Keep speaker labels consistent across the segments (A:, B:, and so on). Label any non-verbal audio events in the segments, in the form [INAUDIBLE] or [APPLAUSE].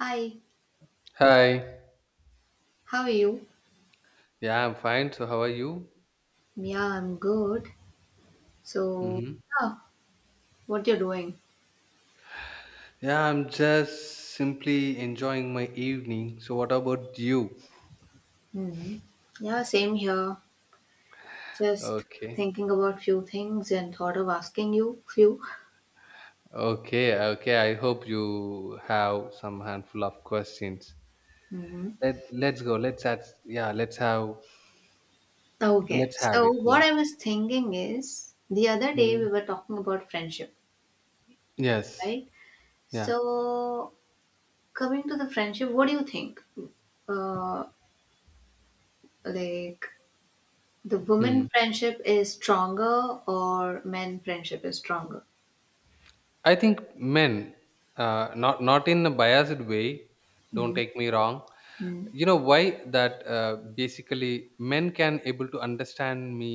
A: Hi,
B: Hi.
A: how are you?
B: Yeah, I'm fine. So, how are you?
A: Yeah, I'm good. So,
B: Mm-hmm.
A: yeah, what you're doing?
B: Yeah, I'm just simply enjoying my evening. So, what about you?
A: Hmm. Yeah, same here. Just
B: Okay.
A: thinking about few things and thought of asking you few.
B: Okay. Okay. I hope you have some handful of questions.
A: Hmm.
B: Let's go. Let's add. Yeah. Let's have.
A: Okay.
B: Let's have
A: So,
B: it. Yeah.
A: what I was thinking is the other day
B: Mm-hmm.
A: we were talking about friendship,
B: Yes.
A: right?
B: Yeah.
A: So, coming to the friendship, what do you think? Uh, like the
B: Hmm.
A: women friendship is stronger or men friendship is stronger?
B: I think men, not in a biased way. Don't take me wrong.
A: Hmm.
B: You know why that basically men can able to understand me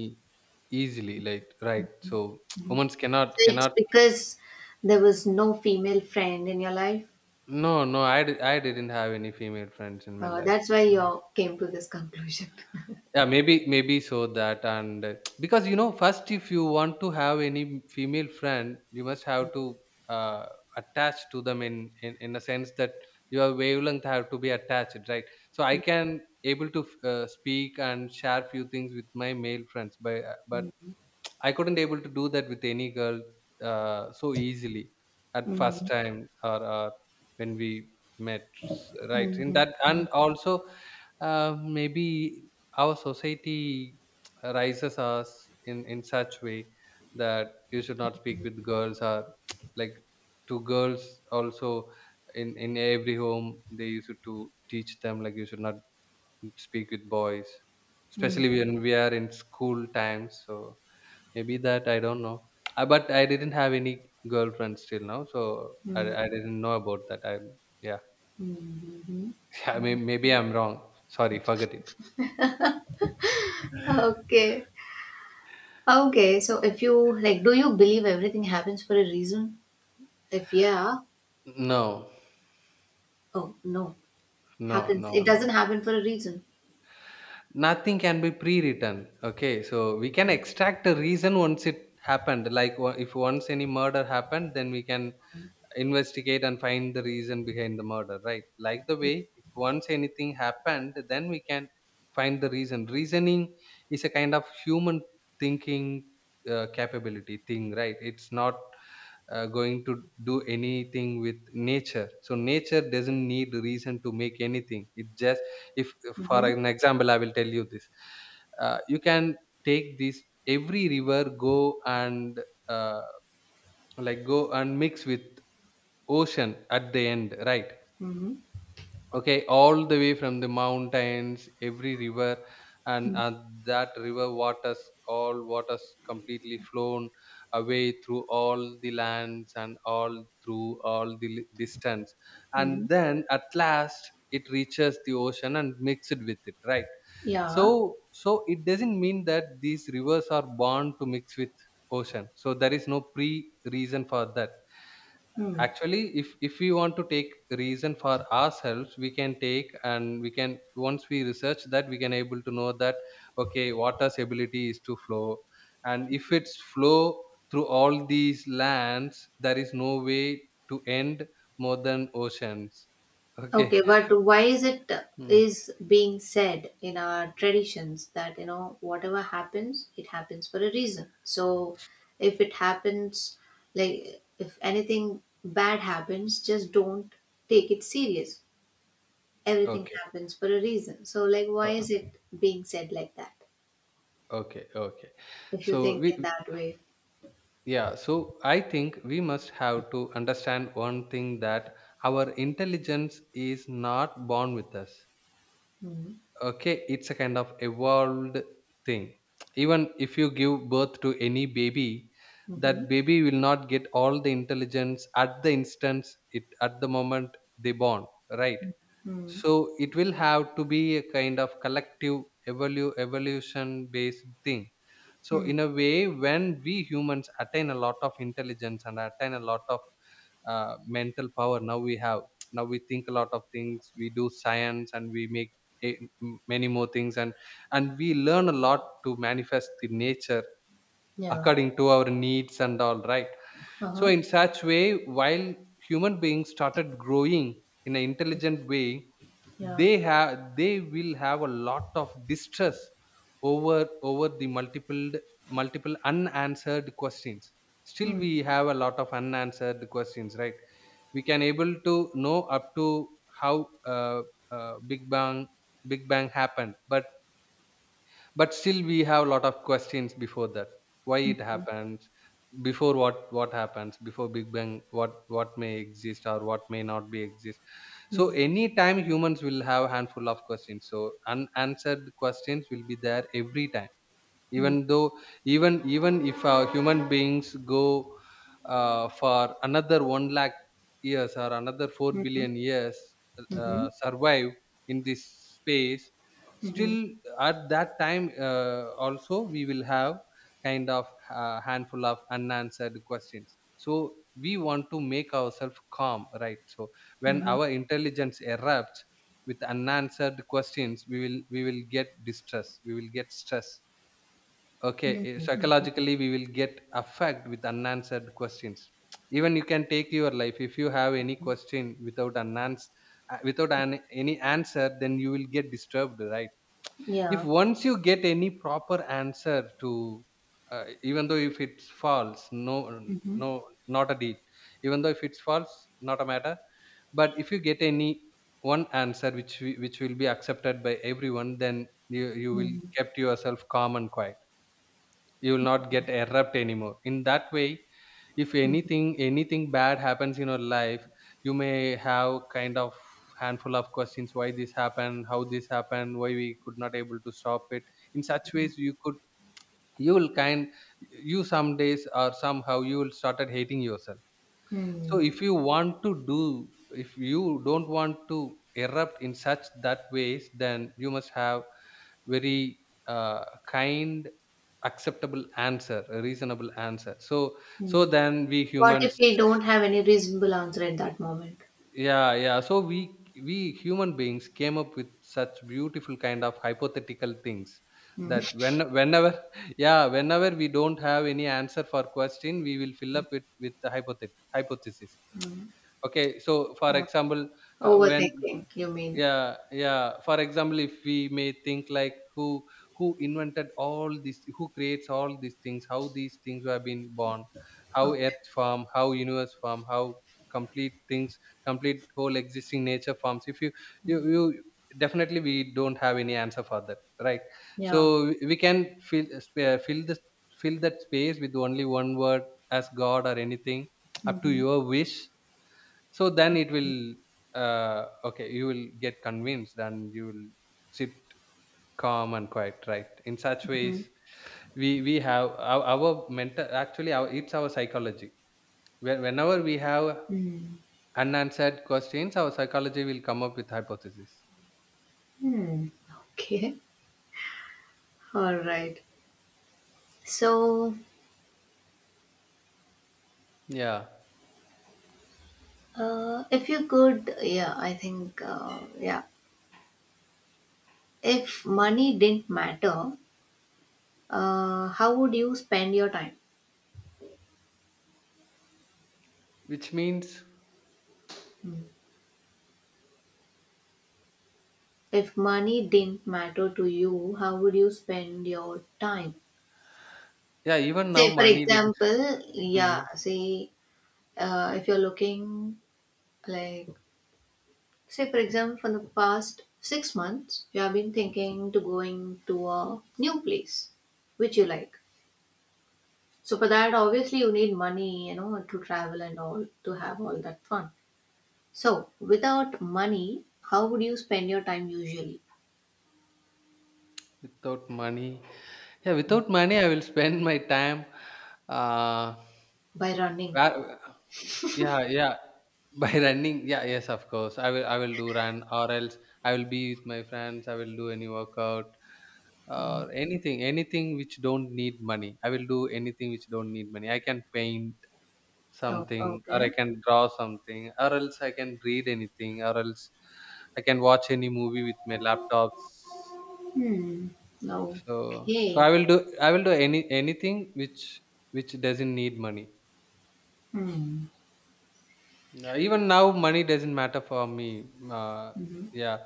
B: easily, like, right? So [TSK] women cannot
A: It's
B: cannot
A: because there was no female friend in your life.
B: No, no, I didn't have any female friends in my
A: Uh,
B: life.
A: that's why
B: No.
A: you came to this conclusion. [LAUGHS]
B: Yeah, maybe so that. And [TSK] because, you know, first if you want to have any female friend, you must have to uh, attach to them in a sense that your wavelength have to be attached, right? So I can able to speak and share few things with my male friends, but I couldn't able to do that with any girl so easily at first
A: Mhm.
B: time, or when we met, right? In that, and also maybe our society [TSK] rises us in such way that you should not speak with girls, or [TSK] like, to girls also, in every home they used to teach them like you should not speak with boys, especially when we are in school times. So maybe that, I don't know. But I didn't have any girlfriends till now, so
A: Mhm.
B: I didn't know about that. I, yeah.
A: Mhm.
B: [LAUGHS] I mean, maybe I'm wrong. Sorry, forget it.
A: Okay. Okay. So if you like, do you believe everything happens for a reason? If yeah,
B: No,
A: oh no,
B: no,
A: happens.
B: no,
A: It doesn't
B: no.
A: happen for a reason.
B: Nothing can be pre-written. Okay, so we can extract a reason once it happened. Like, if once any murder happened, then we can investigate and find the reason behind the murder, right? Like, the way, if once anything happened, then we can find the reasoning is a kind of human thinking capability thing, right? It's not going to do anything with nature. So nature doesn't need reason to make anything. It just if, for
A: Mm-hmm.
B: an example, I will tell you this. You can take this. Every river go and uh, like, go and mix with ocean at the end, right?
A: Mm-hmm.
B: Okay, all the way from the mountains, every river, and that river waters, all waters completely flown away through all the lands and all through all the distance.
A: Mm-hmm.
B: And then at last it reaches the ocean and mixed with it, right?
A: Yeah.
B: So, so it doesn't mean that these rivers are born to mix with ocean. So there is no pre reason for that.
A: Hmm.
B: Actually, if we want to take reason for ourselves, we can take. And we can, once we research that, we can able to know that, okay, water's ability is to flow, and if it's flow through all these lands, there is no way to end more than oceans. Okay.
A: Okay,
B: [LAUGHS]
A: but why is it
B: Hmm.
A: is being said in our traditions that you know whatever happens, it happens for a reason. So if it happens, like if anything bad happens, just don't take it serious. Everything
B: Okay.
A: happens for a reason. So like,
B: Uh,
A: why is it being said like that?
B: okay, okay.
A: If you
B: so
A: think in
B: we
A: that way.
B: Yeah, so I think we must have to understand one thing, that our intelligence is not born with us.
A: Mm-hmm.
B: Okay, it's a kind of evolved thing. Even if you give birth to any baby,
A: Mm-hmm.
B: that baby will not get all the intelligence at the instance, it at the moment they born, right?
A: Mm-hmm.
B: So it will have to be a kind of collective evolution based thing. So in a way, when we humans attain a lot of intelligence and attain a lot of mental power, now we have, now we think a lot of things, we do science, and we make a, many more things, and we learn a lot to manifest the nature
A: Yeah.
B: according to our needs and all, right? So,
A: Uh-huh.
B: in such way, while human beings started growing in an intelligent way,
A: Yeah.
B: they will have a lot of distress over the multiple, multiple unanswered questions. Still,
A: Mm-hmm.
B: we have a lot of unanswered questions, right? We can able to know up to how uh, Big Bang Big Bang happened, but still we have a lot of questions before that. Why it happens before? What happens before big bang? What may exist, or what may not be exist? So
A: Mm-hmm.
B: anytime humans will have handful of questions, so unanswered questions will be there every time. Even though, even even if human beings go for another 1 lakh years or another 4
A: Mm-hmm.
B: billion years
A: Mm-hmm.
B: survive in this space, still at that time also we will have kind of handful of unanswered questions. So we want to make ourselves calm, right? So when
A: Mm-hmm.
B: our intelligence erupts with unanswered questions, we will get distress, we will get stress. Okay,
A: Mm-hmm.
B: psychologically we will get affected with unanswered questions. Even you can take your life, if you have any question without unanswered, without an, any answer, then you will get disturbed, right? If
A: Yeah.
B: once you get any proper answer to even though if it's false, no,
A: Hmm.
B: no, not a deed. Even though if it's false, not a matter. But if you get any one answer which which will be accepted by everyone, then you will
A: Hmm.
B: kept yourself calm and quiet. You will not get erupt anymore in that way. If anything bad happens in your life, you may have kind of handful of questions: why this happened, how this happened, why we could not able to stop it. In such ways you could, you will kind, you some days or somehow, you will started hating yourself. So
A: Hmm.
B: if you want to do, if you don't want to erupt in such that ways, then you must have very kind acceptable answer, a reasonable answer. So so
A: Hmm.
B: then we
A: What if
B: humans,
A: we don't have any reasonable answer at that moment?
B: yeah, yeah, so we human beings came up with such beautiful kind of hypothetical things,
A: Hmm.
B: that when whenever, [LAUGHS] yeah, whenever we don't have any answer for question, we will fill up it with the hypothesis. Okay, so for example, h- when
A: Overthinking, you mean?
B: yeah, yeah, for example, if we may think like, who invented all these, who creates all these things, how these things have been born, how
A: Huh.
B: earth form, how universe form, how complete things, complete whole existing nature forms. If you, you definitely, we don't have any answer for that, right? So
A: Yeah.
B: we can fill fill the, fill that space with only one word, as god or anything, up to
A: Hmm.
B: your wish. So then it will okay, you will get convinced, and you will sit calm and quiet, right? In such
A: Hmm.
B: ways, we have our mental, actually, our, it's our psychology. Whenever we have
A: Hmm.
B: unanswered questions, our psychology will come up with hypothesis.
A: Hmm. Okay. All right. So,
B: Yeah,
A: if you could, yeah, I think, yeah, if money didn't matter, how would you spend your time?
B: which means
A: Hmm. If money didn't matter to you, how would you spend your time?
B: yeah. Even now,
A: Say, for
B: money did.
A: example,
B: Mm,
A: yeah, say, if you're looking like, say, for example, for the past 6 months, you have been thinking to going to a new place which you like. So for that, obviously, you need money, you know, to travel and all to have all that fun. So without money, how would you spend your time usually?
B: without money, yeah. Without money, I will spend my time. Uh,
A: By running.
B: Ra- yeah, yeah. [LAUGHS] By running, yeah, yes, of course. I will do run, or else I will be with my friends, I will do any workout
A: Hmm.
B: or anything, anything which don't need money. I will do anything which don't need money. I can paint
A: Oh,
B: something, or I
A: okay.
B: can draw something, or else I can read anything, or else I can watch any movie with my laptops.
A: Hmm.
B: So so i
A: Okay.
B: will do i will do any anything which doesn't need money.
A: Hmm.
B: No, even now, money doesn't matter for me.
A: Mhm.
B: Yeah,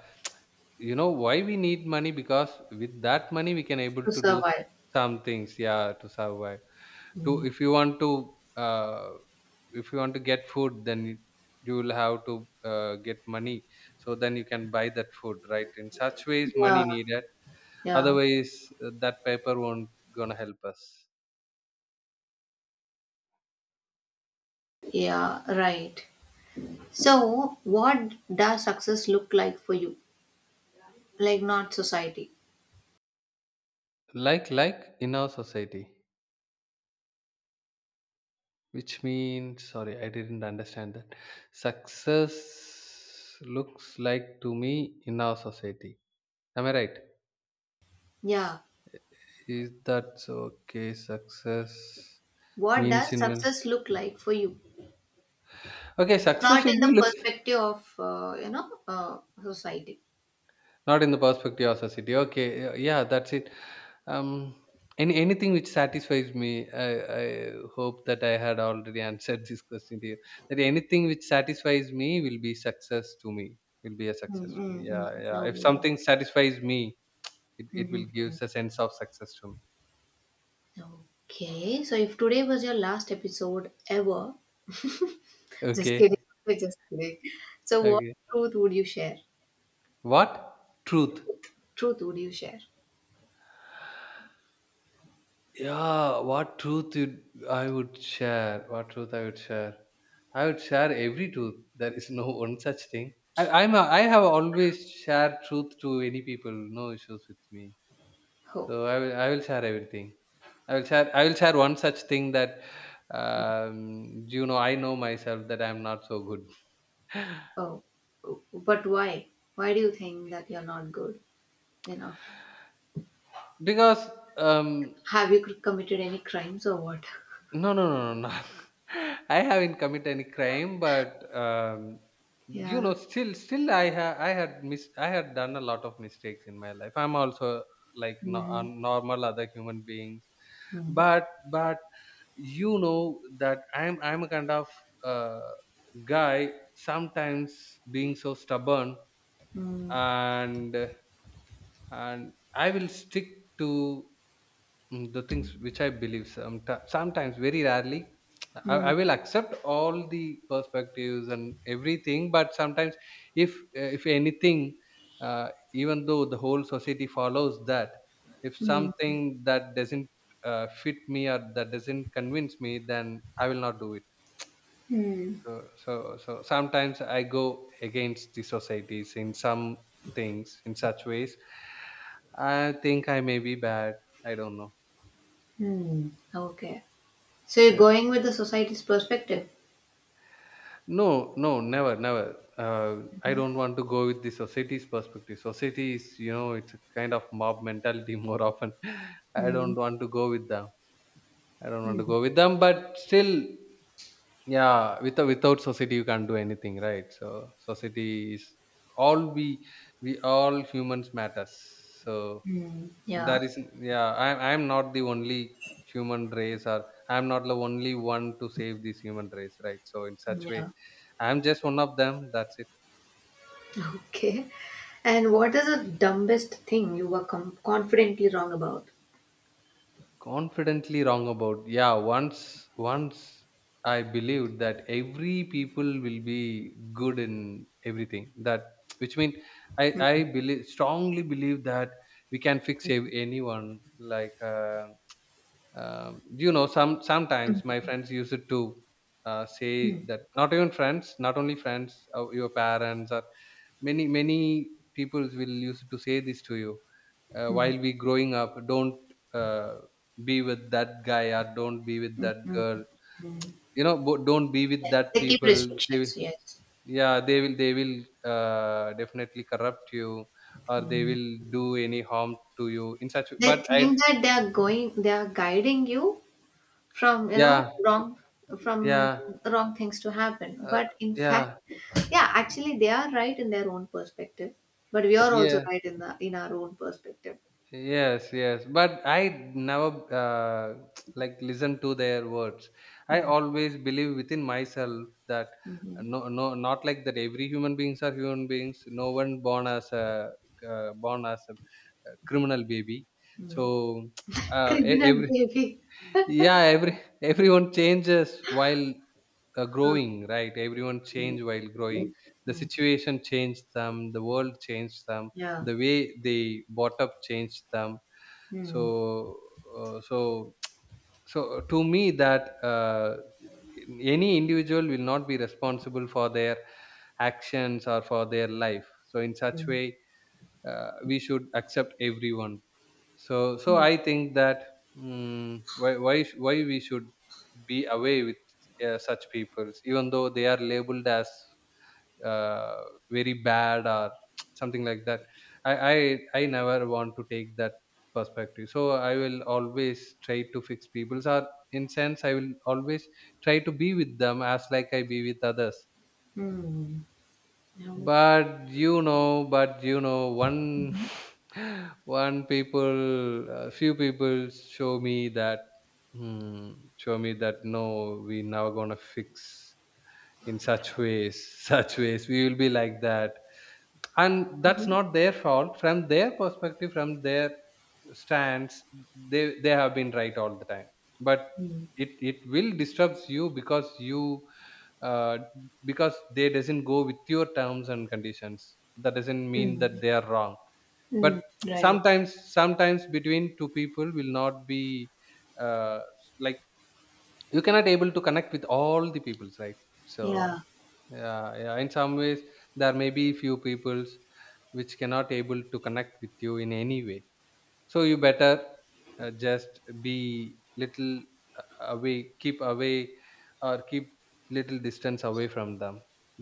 B: you know why we need money, because with that money we can able
A: To
B: to do
A: survive.
B: some things. Yeah, to survive. To,
A: Hmm.
B: if you want to if you want to get food, then you will have to get money. So then you can buy that food, right? In such ways, money
A: Yeah,
B: needed.
A: yeah,
B: Otherwise, that paper won't gonna help us.
A: yeah, right. So, what does success look like for you? Like, not society.
B: Like in our society. Which means, sorry, I didn't understand that. Success looks like to me in our society. Am I right?
A: Yeah,
B: Is that so? Okay? Success
A: what
B: means
A: does
B: in, well.
A: success look like for you?
B: Okay, success
A: Not
B: will
A: in the
B: be looks
A: perspective of, society.
B: not in the perspective of society. Okay, yeah, that's it. Um, any anything which satisfies me. I hope that I had already answered [LAUGHS] this question here. That anything which satisfies me will be success to me. Will be a success to me.
A: Mm-hmm.
B: Yeah, yeah. If
A: No.
B: something satisfies me, it will give
A: Mm-hmm.
B: a sense of success to me.
A: Okay, so if today was your last episode ever, just
B: Okay.
A: kidding, [LAUGHS] we're just kidding. So, what
B: Okay.
A: truth would you share?
B: What truth?
A: Truth would you share?
B: Yeah, what truth you, I would share, what truth I would share. I would share every truth. There is no [LAUGHS] one such thing. I'm a, I have always shared truth to any people, no issues with me.
A: Oh,
B: So I will share everything. I will share one such thing, that you know, I know myself that I'm not so good. [LAUGHS]
A: oh, but why? Why do you think that you're not good? You know,
B: Because um,
A: have you committed any crimes or what?
B: no, no, no, no, no. [LAUGHS] I haven't commit any crime, but you know,
A: Yeah.
B: still, I had done a lot of mistakes in my life. I'm also like a
A: Mm-hmm.
B: normal other human beings,
A: Mm-hmm.
B: but you know that I'm a kind of uh, guy sometimes being so stubborn
A: Mm-hmm.
B: and I will stick to the things which I believe sometimes, sometimes very rarely, I will accept all the perspectives and everything. But sometimes, if if anything, uh, even though the whole society follows that, if
A: Mm-hmm.
B: something that doesn't fit me or that doesn't convince me, then I will not do it.
A: Mm-hmm.
B: So sometimes I go against the societies in some things in such ways. I think I may be bad. I don't know.
A: Hmm. Okay. So you're going with the society's perspective.
B: No, no, never, never. I don't want to go with the society's perspective. Society is, you know, it's a kind of mob mentality [LAUGHS] more often. I
A: Hmm.
B: don't want to go with them. I don't want
A: Hmm.
B: to go with them, but still, yeah, without society you can't do anything, right? So society is all we all humans matters. So
A: Hmm. Yeah.
B: that is, yeah, I'm not the only human race, or I'm not the only one to save this human race, right? So, in such way,
A: Yeah.
B: I'm just one of them. That's it.
A: Okay. And what is the dumbest thing you were confidently wrong about?
B: Confidently wrong about, yeah, once I believed that every people will be good in everything, that which means I believe strongly believe that we can anyone, like. You know sometimes
A: Hmm.
B: my friends use it to
A: Hmm.
B: say that not even friends not only friends, your parents or many people will use to say this to you
A: Hmm.
B: while we growing up don't uh, be with that guy or don't be with that
A: Hmm.
B: girl,
A: Mm.
B: you know, don't be with that
A: They keep
B: people. They will,
A: restrictions. Yes.
B: yeah, they will, definitely corrupt you or they
A: Mm.
B: will do any harm to you in such,
A: They
B: but I
A: think that they are going. They are guiding you, from you know
B: yeah,
A: wrong from
B: yeah,
A: wrong things to happen,
B: uh,
A: but in fact,
B: yeah.
A: yeah, actually they are right in their own perspective, but we are also
B: Yes,
A: right in our own perspective.
B: yes, yes, but I never [TSK] like listen to their words. I
A: Mm.
B: always believe within myself that
A: Mhm.
B: no, no, not like that. Every human beings are human beings. No one born as a uh, born as a criminal baby.
A: Mm.
B: So [TSK]
A: Criminal
B: every
A: baby.
B: yeah, every [LAUGHS] everyone changes while
A: Uh,
B: growing right, everyone changed while growing, the
A: mm.
B: situation changed them, the world changed them,
A: Yeah.
B: the way they bought up changed them.
A: Mm.
B: So uh, so [TSK] to me that any individual will not be responsible for their actions or for their life. So in such way, we should accept everyone.
A: Mm.
B: I think that, why we should be away with such people even though they are labeled as uh, very bad or [TSK] something like that. I never want to take that perspective, so I will always try to fix people's, or in sense I will always try to be with them as like I be with others.
A: Mm. Yeah.
B: But you know, one [LAUGHS] one people, a few people show me that, hmm, show me that no, we never gonna fix in such ways, [LAUGHS] such ways. We will be like that, and that's
A: Mhm.
B: not their fault. From their perspective, from their stance, they have been right all the time. But
A: Mm.
B: it will disrupts you uh, because they doesn't go with your terms and conditions. That doesn't mean that
A: Mm.
B: they are wrong. But
A: Mm. Right.
B: sometimes between two people will not be uh, like, you cannot able to connect with all the peoples, right? So
A: Yeah.
B: yeah, in some ways there may be few peoples which cannot able to connect with you in any way. So you better just be little away, keep away, or keep little distance away from them.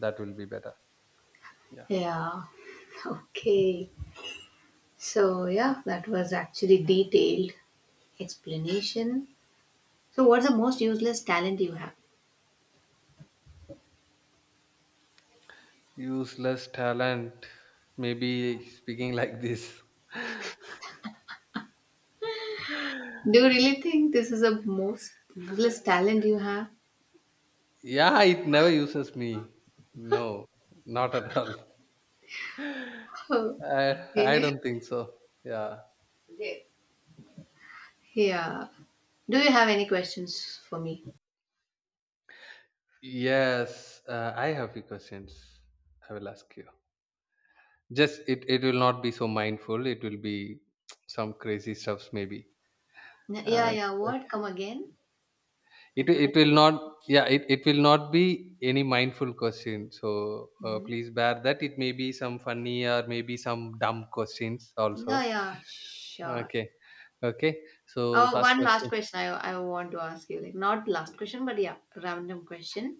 B: That will be better, yeah.
A: Yeah. Okay. So yeah, that was actually detailed explanation. So what's the most useless talent you have?
B: Useless talent, maybe speaking like this. [LAUGHS]
A: Do you really think this is the most useless talent you have?
B: Yeah, it never uses me. No, not at all.
A: [LAUGHS]
B: [LAUGHS] I
A: Okay.
B: don't think so. Yeah,
A: Yeah. Do you have any questions for me?
B: yes, I have few questions. I will ask you. Just it will not be so mindful. It will be [TSK] some crazy stuffs maybe.
A: Yeah,
B: Uh,
A: yeah.
B: uh,
A: What? Come again? I
B: it
A: couldn't.
B: will not. Yeah, it will not be any mindful question. So
A: Mhm.
B: please bear that. It may be some funny or maybe some dumb questions
A: Yeah,
B: also.
A: yeah. Sure.
B: Okay. Okay. So the
A: Oh,
B: first
A: one last
B: question.
A: question I want to ask you. Like, not last question, but yeah, random question.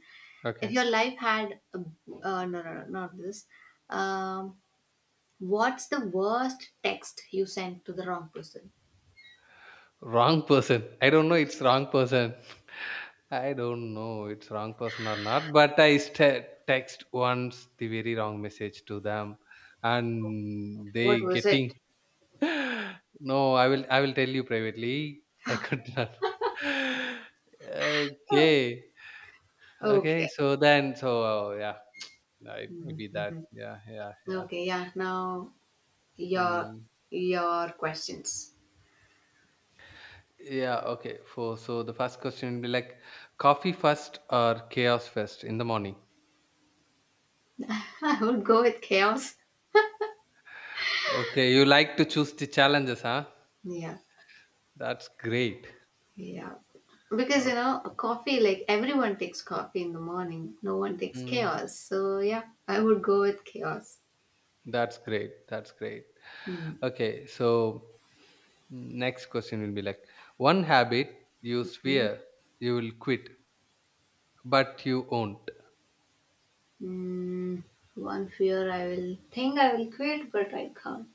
A: If
B: Okay.
A: your life had, no, no, no, not this. Um, what's the worst text you sent to the wrong person?
B: Wrong person. I don't know it's wrong person. I don't know it's wrong person or not, but text once the very wrong message to them and
A: What
B: they
A: was
B: getting
A: it?
B: [LAUGHS] no, I will tell you privately. I could not. [LAUGHS]
A: Oh.
B: Okay. Okay.
A: Okay.
B: So then, so yeah, [TSK] I maybe that.
A: Mhm.
B: Yeah, yeah, yeah.
A: Okay, yeah. Now your
B: Mm.
A: your questions.
B: Yeah, okay. For so the first question would be like coffee first or chaos first in the morning.
A: [LAUGHS] I would go with chaos.
B: Okay, you like to choose the challenges, huh?
A: Yeah,
B: That's great.
A: yeah. Because you know,
B: Okay.
A: coffee like everyone takes coffee in the morning. No one takes
B: Mm,
A: chaos. So yeah, I would go with chaos.
B: that's great. That's great.
A: Hmm.
B: Okay, so next question will be like one habit you
A: Hmm.
B: swear you will quit, but you won't.
A: Mm. One fear I will think I will quit, but I can't.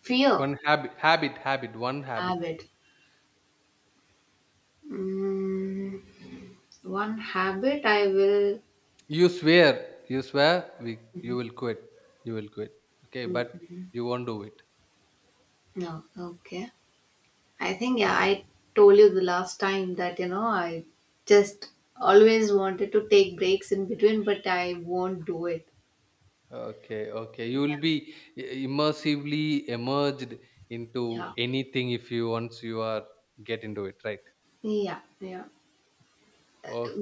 A: Fear
B: One habit, one habit.
A: habit. Mm. One habit I will.
B: You swear, you
A: Mhm.
B: will quit, you will quit. Okay, but
A: Mhm.
B: you won't do it.
A: No. Okay. I think yeah, I told you the last time that I just always wanted to take breaks in between, but I won't do it.
B: Okay, okay. You will be immersively emerged into
A: Yeah,
B: anything if you once you are get into it, right?
A: yeah, yeah.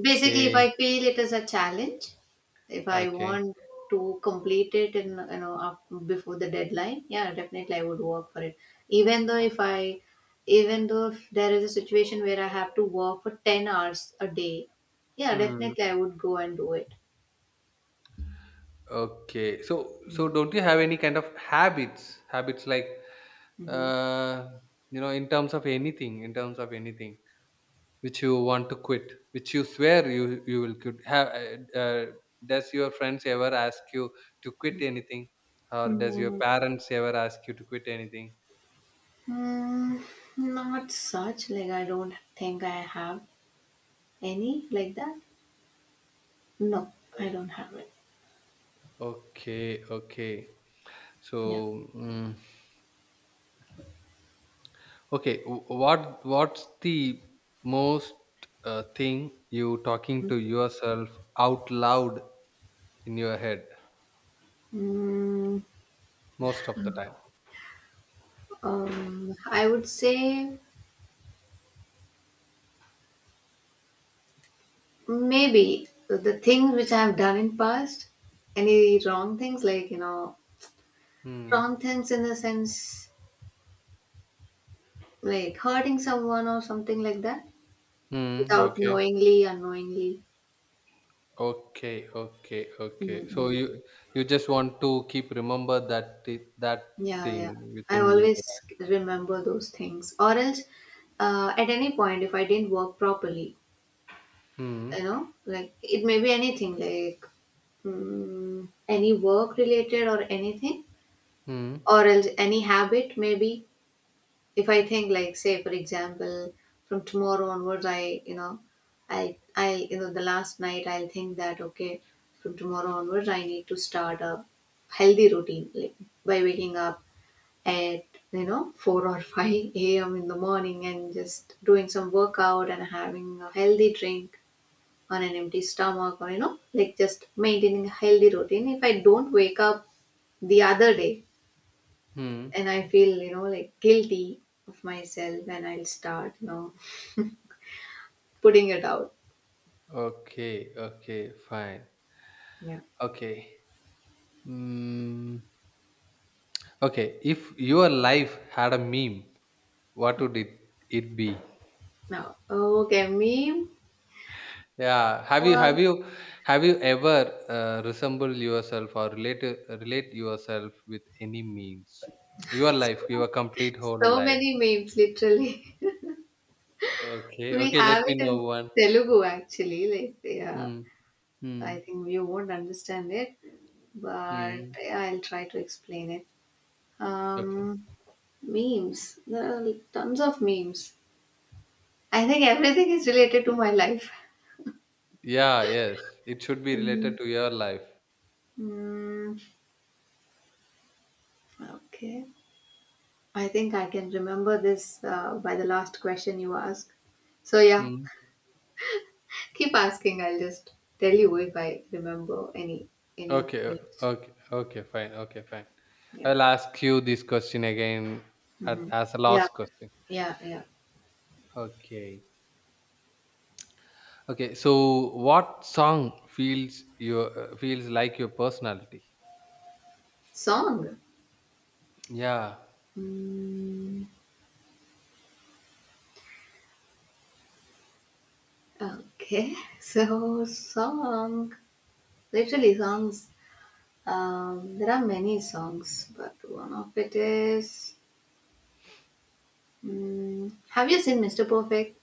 A: Basically, if I feel it is a challenge, if I
B: okay.
A: want to complete it in up before the deadline, yeah, definitely I would work for it. Even though if I, even though if there is a situation where I have to work for 10 hours a day, yeah,
B: Hmm.
A: definitely I would go and do it.
B: Okay, don't you have any kind of habits? Habits like Uh, you know, in terms of anything, in terms of anything which you want to quit, which you swear you will quit. Have uh, uh, does your friends ever ask you to quit anything, or does your
A: Mm-hmm.
B: parents ever ask you to quit anything?
A: Mm, not such. Like I don't think I have any like that. No, I don't have it.
B: Okay, okay.
A: Yeah.
B: So, mm, okay, what's the most thing you talking to yourself out loud in your head
A: Mm,
B: most of the time?
A: I would say maybe the things which I have done in past, any wrong things like you know
B: Hmm.
A: wrong things in the sense like hurting someone or something like that
B: Hmm.
A: without
B: Okay.
A: knowingly, unknowingly.
B: Okay, okay, okay. So
A: Mm-mm.
B: you just want to keep remember that that
A: Yeah, yeah.
B: thing
A: I
B: within you,
A: always
B: right?
A: remember those things, or else at any point if I didn't work properly,
B: Hmm.
A: you know, like it may be anything like mm, any work related or anything,
B: Hmm.
A: or else any habit maybe. If I think like say for example, from tomorrow onwards, I you know the last night I'll think that okay, from tomorrow onwards I need to start a healthy routine like by waking up at you know 4 or 5 a.m. in the morning and just doing some workout and having a healthy drink on an empty stomach or you know like just maintaining a healthy routine. If I don't wake up the other day
B: Hmm.
A: and I feel you know like guilty of myself, and I'll start you know putting it out.
B: Okay. Okay. Fine.
A: Yeah.
B: Okay. Hmm. Okay. If your life had a meme, what would it be?
A: Now okay meme.
B: Yeah. Have you,
A: uh,
B: have you ever resemble yourself or relate yourself with any memes? Your life,
A: so,
B: your complete whole
A: so
B: life.
A: many memes literally.
B: Okay,
A: [LAUGHS] We
B: okay, let
A: have
B: me
A: it in
B: know one.
A: Telugu actually like yeah.
B: Hmm. Hmm.
A: I think you won't understand it, but
B: Hmm.
A: I'll try to explain it. Um,
B: Okay.
A: memes. There are like tons of memes. I think everything is related to my life.
B: Yeah, yes. It should be
A: Mhm.
B: related to your life.
A: Mm, okay. I think I can remember this by the last question you asked. So yeah,
B: Hmm.
A: keep asking. I'll just tell you if I remember any of
B: Okay,
A: the memes.
B: okay, okay, fine, okay, fine.
A: Yeah.
B: I'll ask you this question again at,
A: Hmm.
B: as a
A: Yeah.
B: last question.
A: Yeah. Yeah.
B: Okay. Okay, so what song feels your feels like your personality?
A: Song.
B: Yeah.
A: Mm. Okay, [LAUGHS] so song, literally songs. There are many songs, but one of it is. Mm, have you seen Mr. Perfect?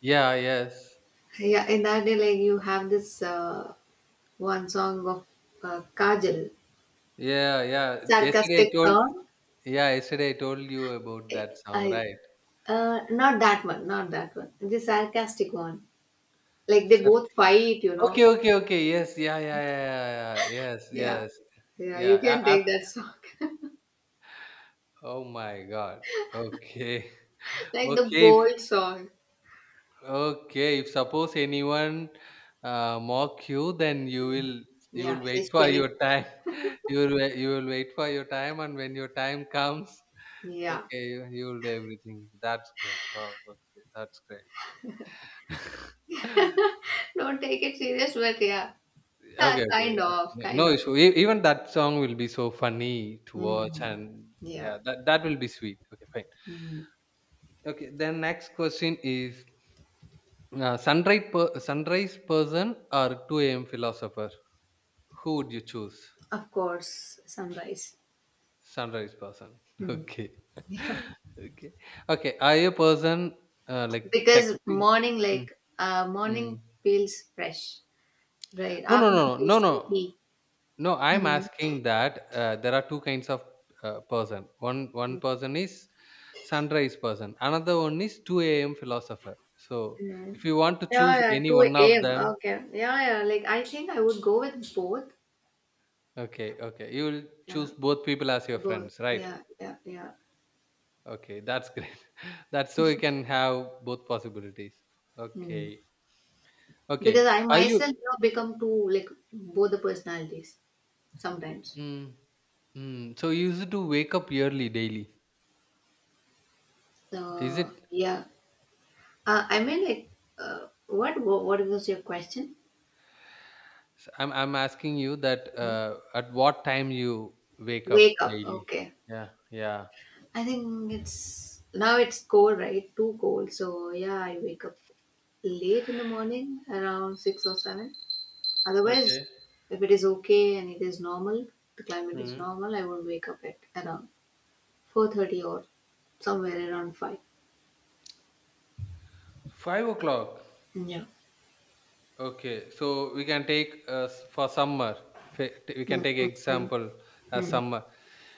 B: Yeah, yes.
A: Yeah, in that day, like you have this one song of Kajal,
B: Yeah, yeah. Yesterday I
A: sarcastic
B: told,
A: song.
B: yeah, yesterday I told you about that song,
A: I
B: right?
A: not that one, not that one. The sarcastic one. Like they both fight, you know.
B: Okay, okay, okay. Yes, yeah, yeah, yeah, yeah, yeah. Yes,
A: Yeah,
B: yes.
A: yeah.
B: Yeah.
A: You can take that song,
B: Oh my God. Okay. [LAUGHS]
A: [LAUGHS] like the
B: Okay. If,
A: bold song.
B: okay. If suppose anyone mock you, then
A: Mm.
B: you
A: Yeah,
B: will wait
A: he's
B: for
A: penny.
B: your time. [LAUGHS] you will wai- you will wait for your time, and when your time comes,
A: Yeah,
B: okay, you will do everything. That's great. Wow. Okay, that's great. [LAUGHS]
A: don't take it serious, but yeah, yeah,
B: Okay, okay,
A: kind
B: yeah.
A: of,
B: No no
A: kind of.
B: issue. Even that song will be so funny to watch,
A: Mm.
B: and yeah,
A: Yeah,
B: that will be sweet. Okay, fine.
A: mm.
B: Okay, then next question is sunrise person or 2 a.m. philosopher? Who would you choose?
A: Of course, sunrise.
B: Sunrise person. [LAUGHS]
A: Mm.
B: Okay. [LAUGHS] okay. Okay. Are you a person like
A: Because
B: texting?
A: morning,
B: Mm,
A: like morning
B: mm.
A: feels fresh, right?
B: No, no, no,
A: Afternoon feels
B: no, no, no.
A: sleepy.
B: No, I'm
A: Hmm.
B: asking that there are two kinds of person. One person is sunrise person. Another one is 2 a.m. philosopher. So
A: Hmm.
B: if you want to
A: Yeah,
B: choose
A: yeah,
B: any
A: two
B: one of
A: a.m.
B: them,
A: Okay, yeah, yeah. Like I think I would go with both.
B: okay, okay. You will
A: Yeah,
B: choose both people as your
A: both.
B: friends, right?
A: Yeah, yeah, yeah.
B: Okay, that's great. [LAUGHS] that's so you can have both possibilities.
A: Hmm.
B: Okay, okay.
A: Because I
B: Are
A: myself,
B: you?
A: you know, become too like both the personalities sometimes.
B: Mm, mm, so you used to wake up early daily. Is it?
A: Yeah. I mean, like, what, what was your question?
B: I'm asking you that.
A: Hmm?
B: At what time you wake up
A: Wake up.
B: daily?
A: Okay.
B: Yeah, yeah.
A: I think it's now it's cold, right? Too cold. So yeah, I wake up late in the morning, around 6 or 7. Otherwise,
B: Okay.
A: if it is okay and it is normal, the climate is
B: Mm.
A: normal, I will wake up at around 4:30 or somewhere around five.
B: 5 o'clock.
A: Yeah.
B: Okay, so we can take for summer. We can
A: Mm,
B: take
A: mm, mm,
B: example as
A: mm,
B: summer.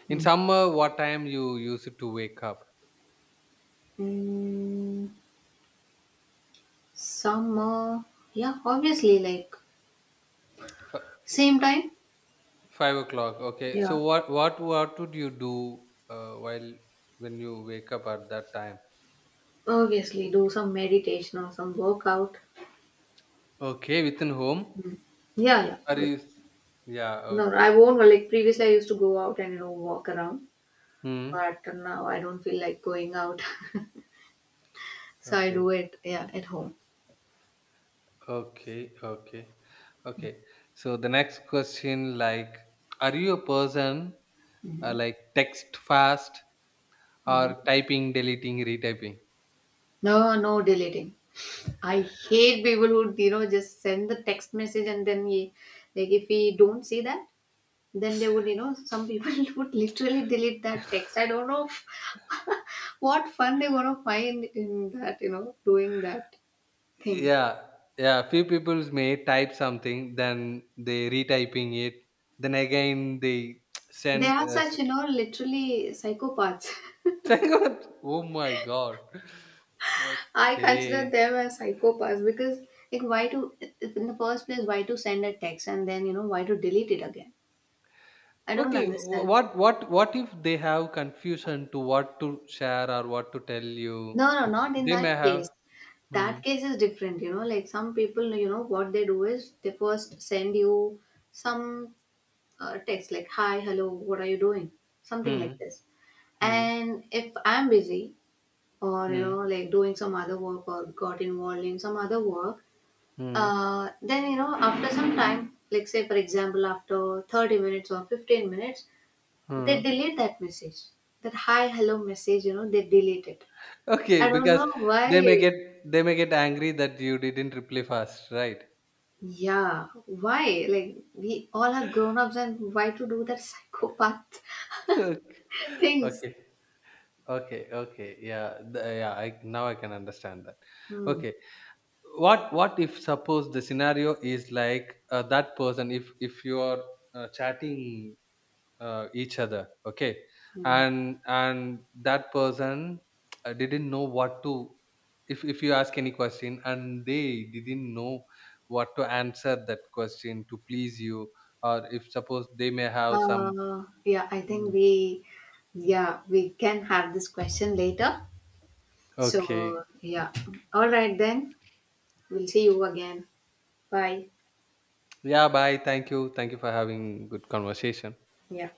B: In
A: mm.
B: summer, what time you used to wake up?
A: Mm, summer. Yeah, obviously, like
B: F-
A: same time?
B: 5 o'clock. Okay. So
A: Yeah,
B: what would you do while when you wake up at that time?
A: obviously do some meditation or some workout.
B: Okay, within home.
A: Yeah, yeah.
B: Are
A: But
B: you? Yeah.
A: no,
B: Okay.
A: I won't. Like previously, I used to go out and you know walk around,
B: Hmm.
A: but now I don't feel like going out, [LAUGHS] so I
B: Okay.
A: do it yeah at home.
B: Okay. Okay. Okay. So the next question, like, are you a person
A: Hmm.
B: like text fast or
A: Hmm.
B: typing, deleting, retyping?
A: No, no deleting. I hate people who you know just send the text message and then ye, like if we don't see that, then they would you know some people [LAUGHS] would literally delete that text. I don't know [LAUGHS] what fun they want to find in that you know doing that thing.
B: Yeah, yeah, few people may type something, then they retyping it, then again they [TSK]
A: They
B: send
A: are such, you know, literally psychopaths.
B: [LAUGHS] send what? Oh my god.
A: [LAUGHS] I consider
B: Okay,
A: them as psychopaths because, like, why to, in the first place, why to send a text and then, you know, why to delete it again? I don't
B: okay,
A: understand.
B: what if they have confusion to what to share or what to tell you,
A: No, no, not in
B: they may
A: that
B: have
A: case.
B: hmm,
A: That case is different, you know, like some people, you know, what they do is they first send you some text like, hi, hello, what are you doing? Something
B: hmm,
A: like this.
B: hmm,
A: And if I'm busy or, you
B: hmm,
A: know, like doing some other work or got involved in some other work,
B: hmm,
A: then you know after some time like say for example after 30 minutes or 15 minutes they
B: hmm.
A: delete that message, that hi hello message, you know, they delete it.
B: Okay,
A: I don't
B: because
A: know why.
B: they may get they may get angry that you didn't reply fast, right?
A: Yeah, why, like we all are grown-ups and why to do that psychopath
B: [LAUGHS] Okay.
A: [LAUGHS] things.
B: Okay. Okay, okay. Yeah, yeah, I now I can understand that.
A: Hmm.
B: Okay. What if suppose the scenario is like that person, if you are chatting each other, okay?
A: Hmm.
B: And that person didn't know what to, if you ask any question and they didn't know what to answer that question to please you, or if suppose they may have some
A: Yeah, I think
B: mm,
A: we
B: mm,
A: yeah we can have this question later. So
B: okay.
A: yeah, all right then, we'll see you again. Bye.
B: Yeah, bye. Thank you. Thank you for having good conversation.
A: Yeah.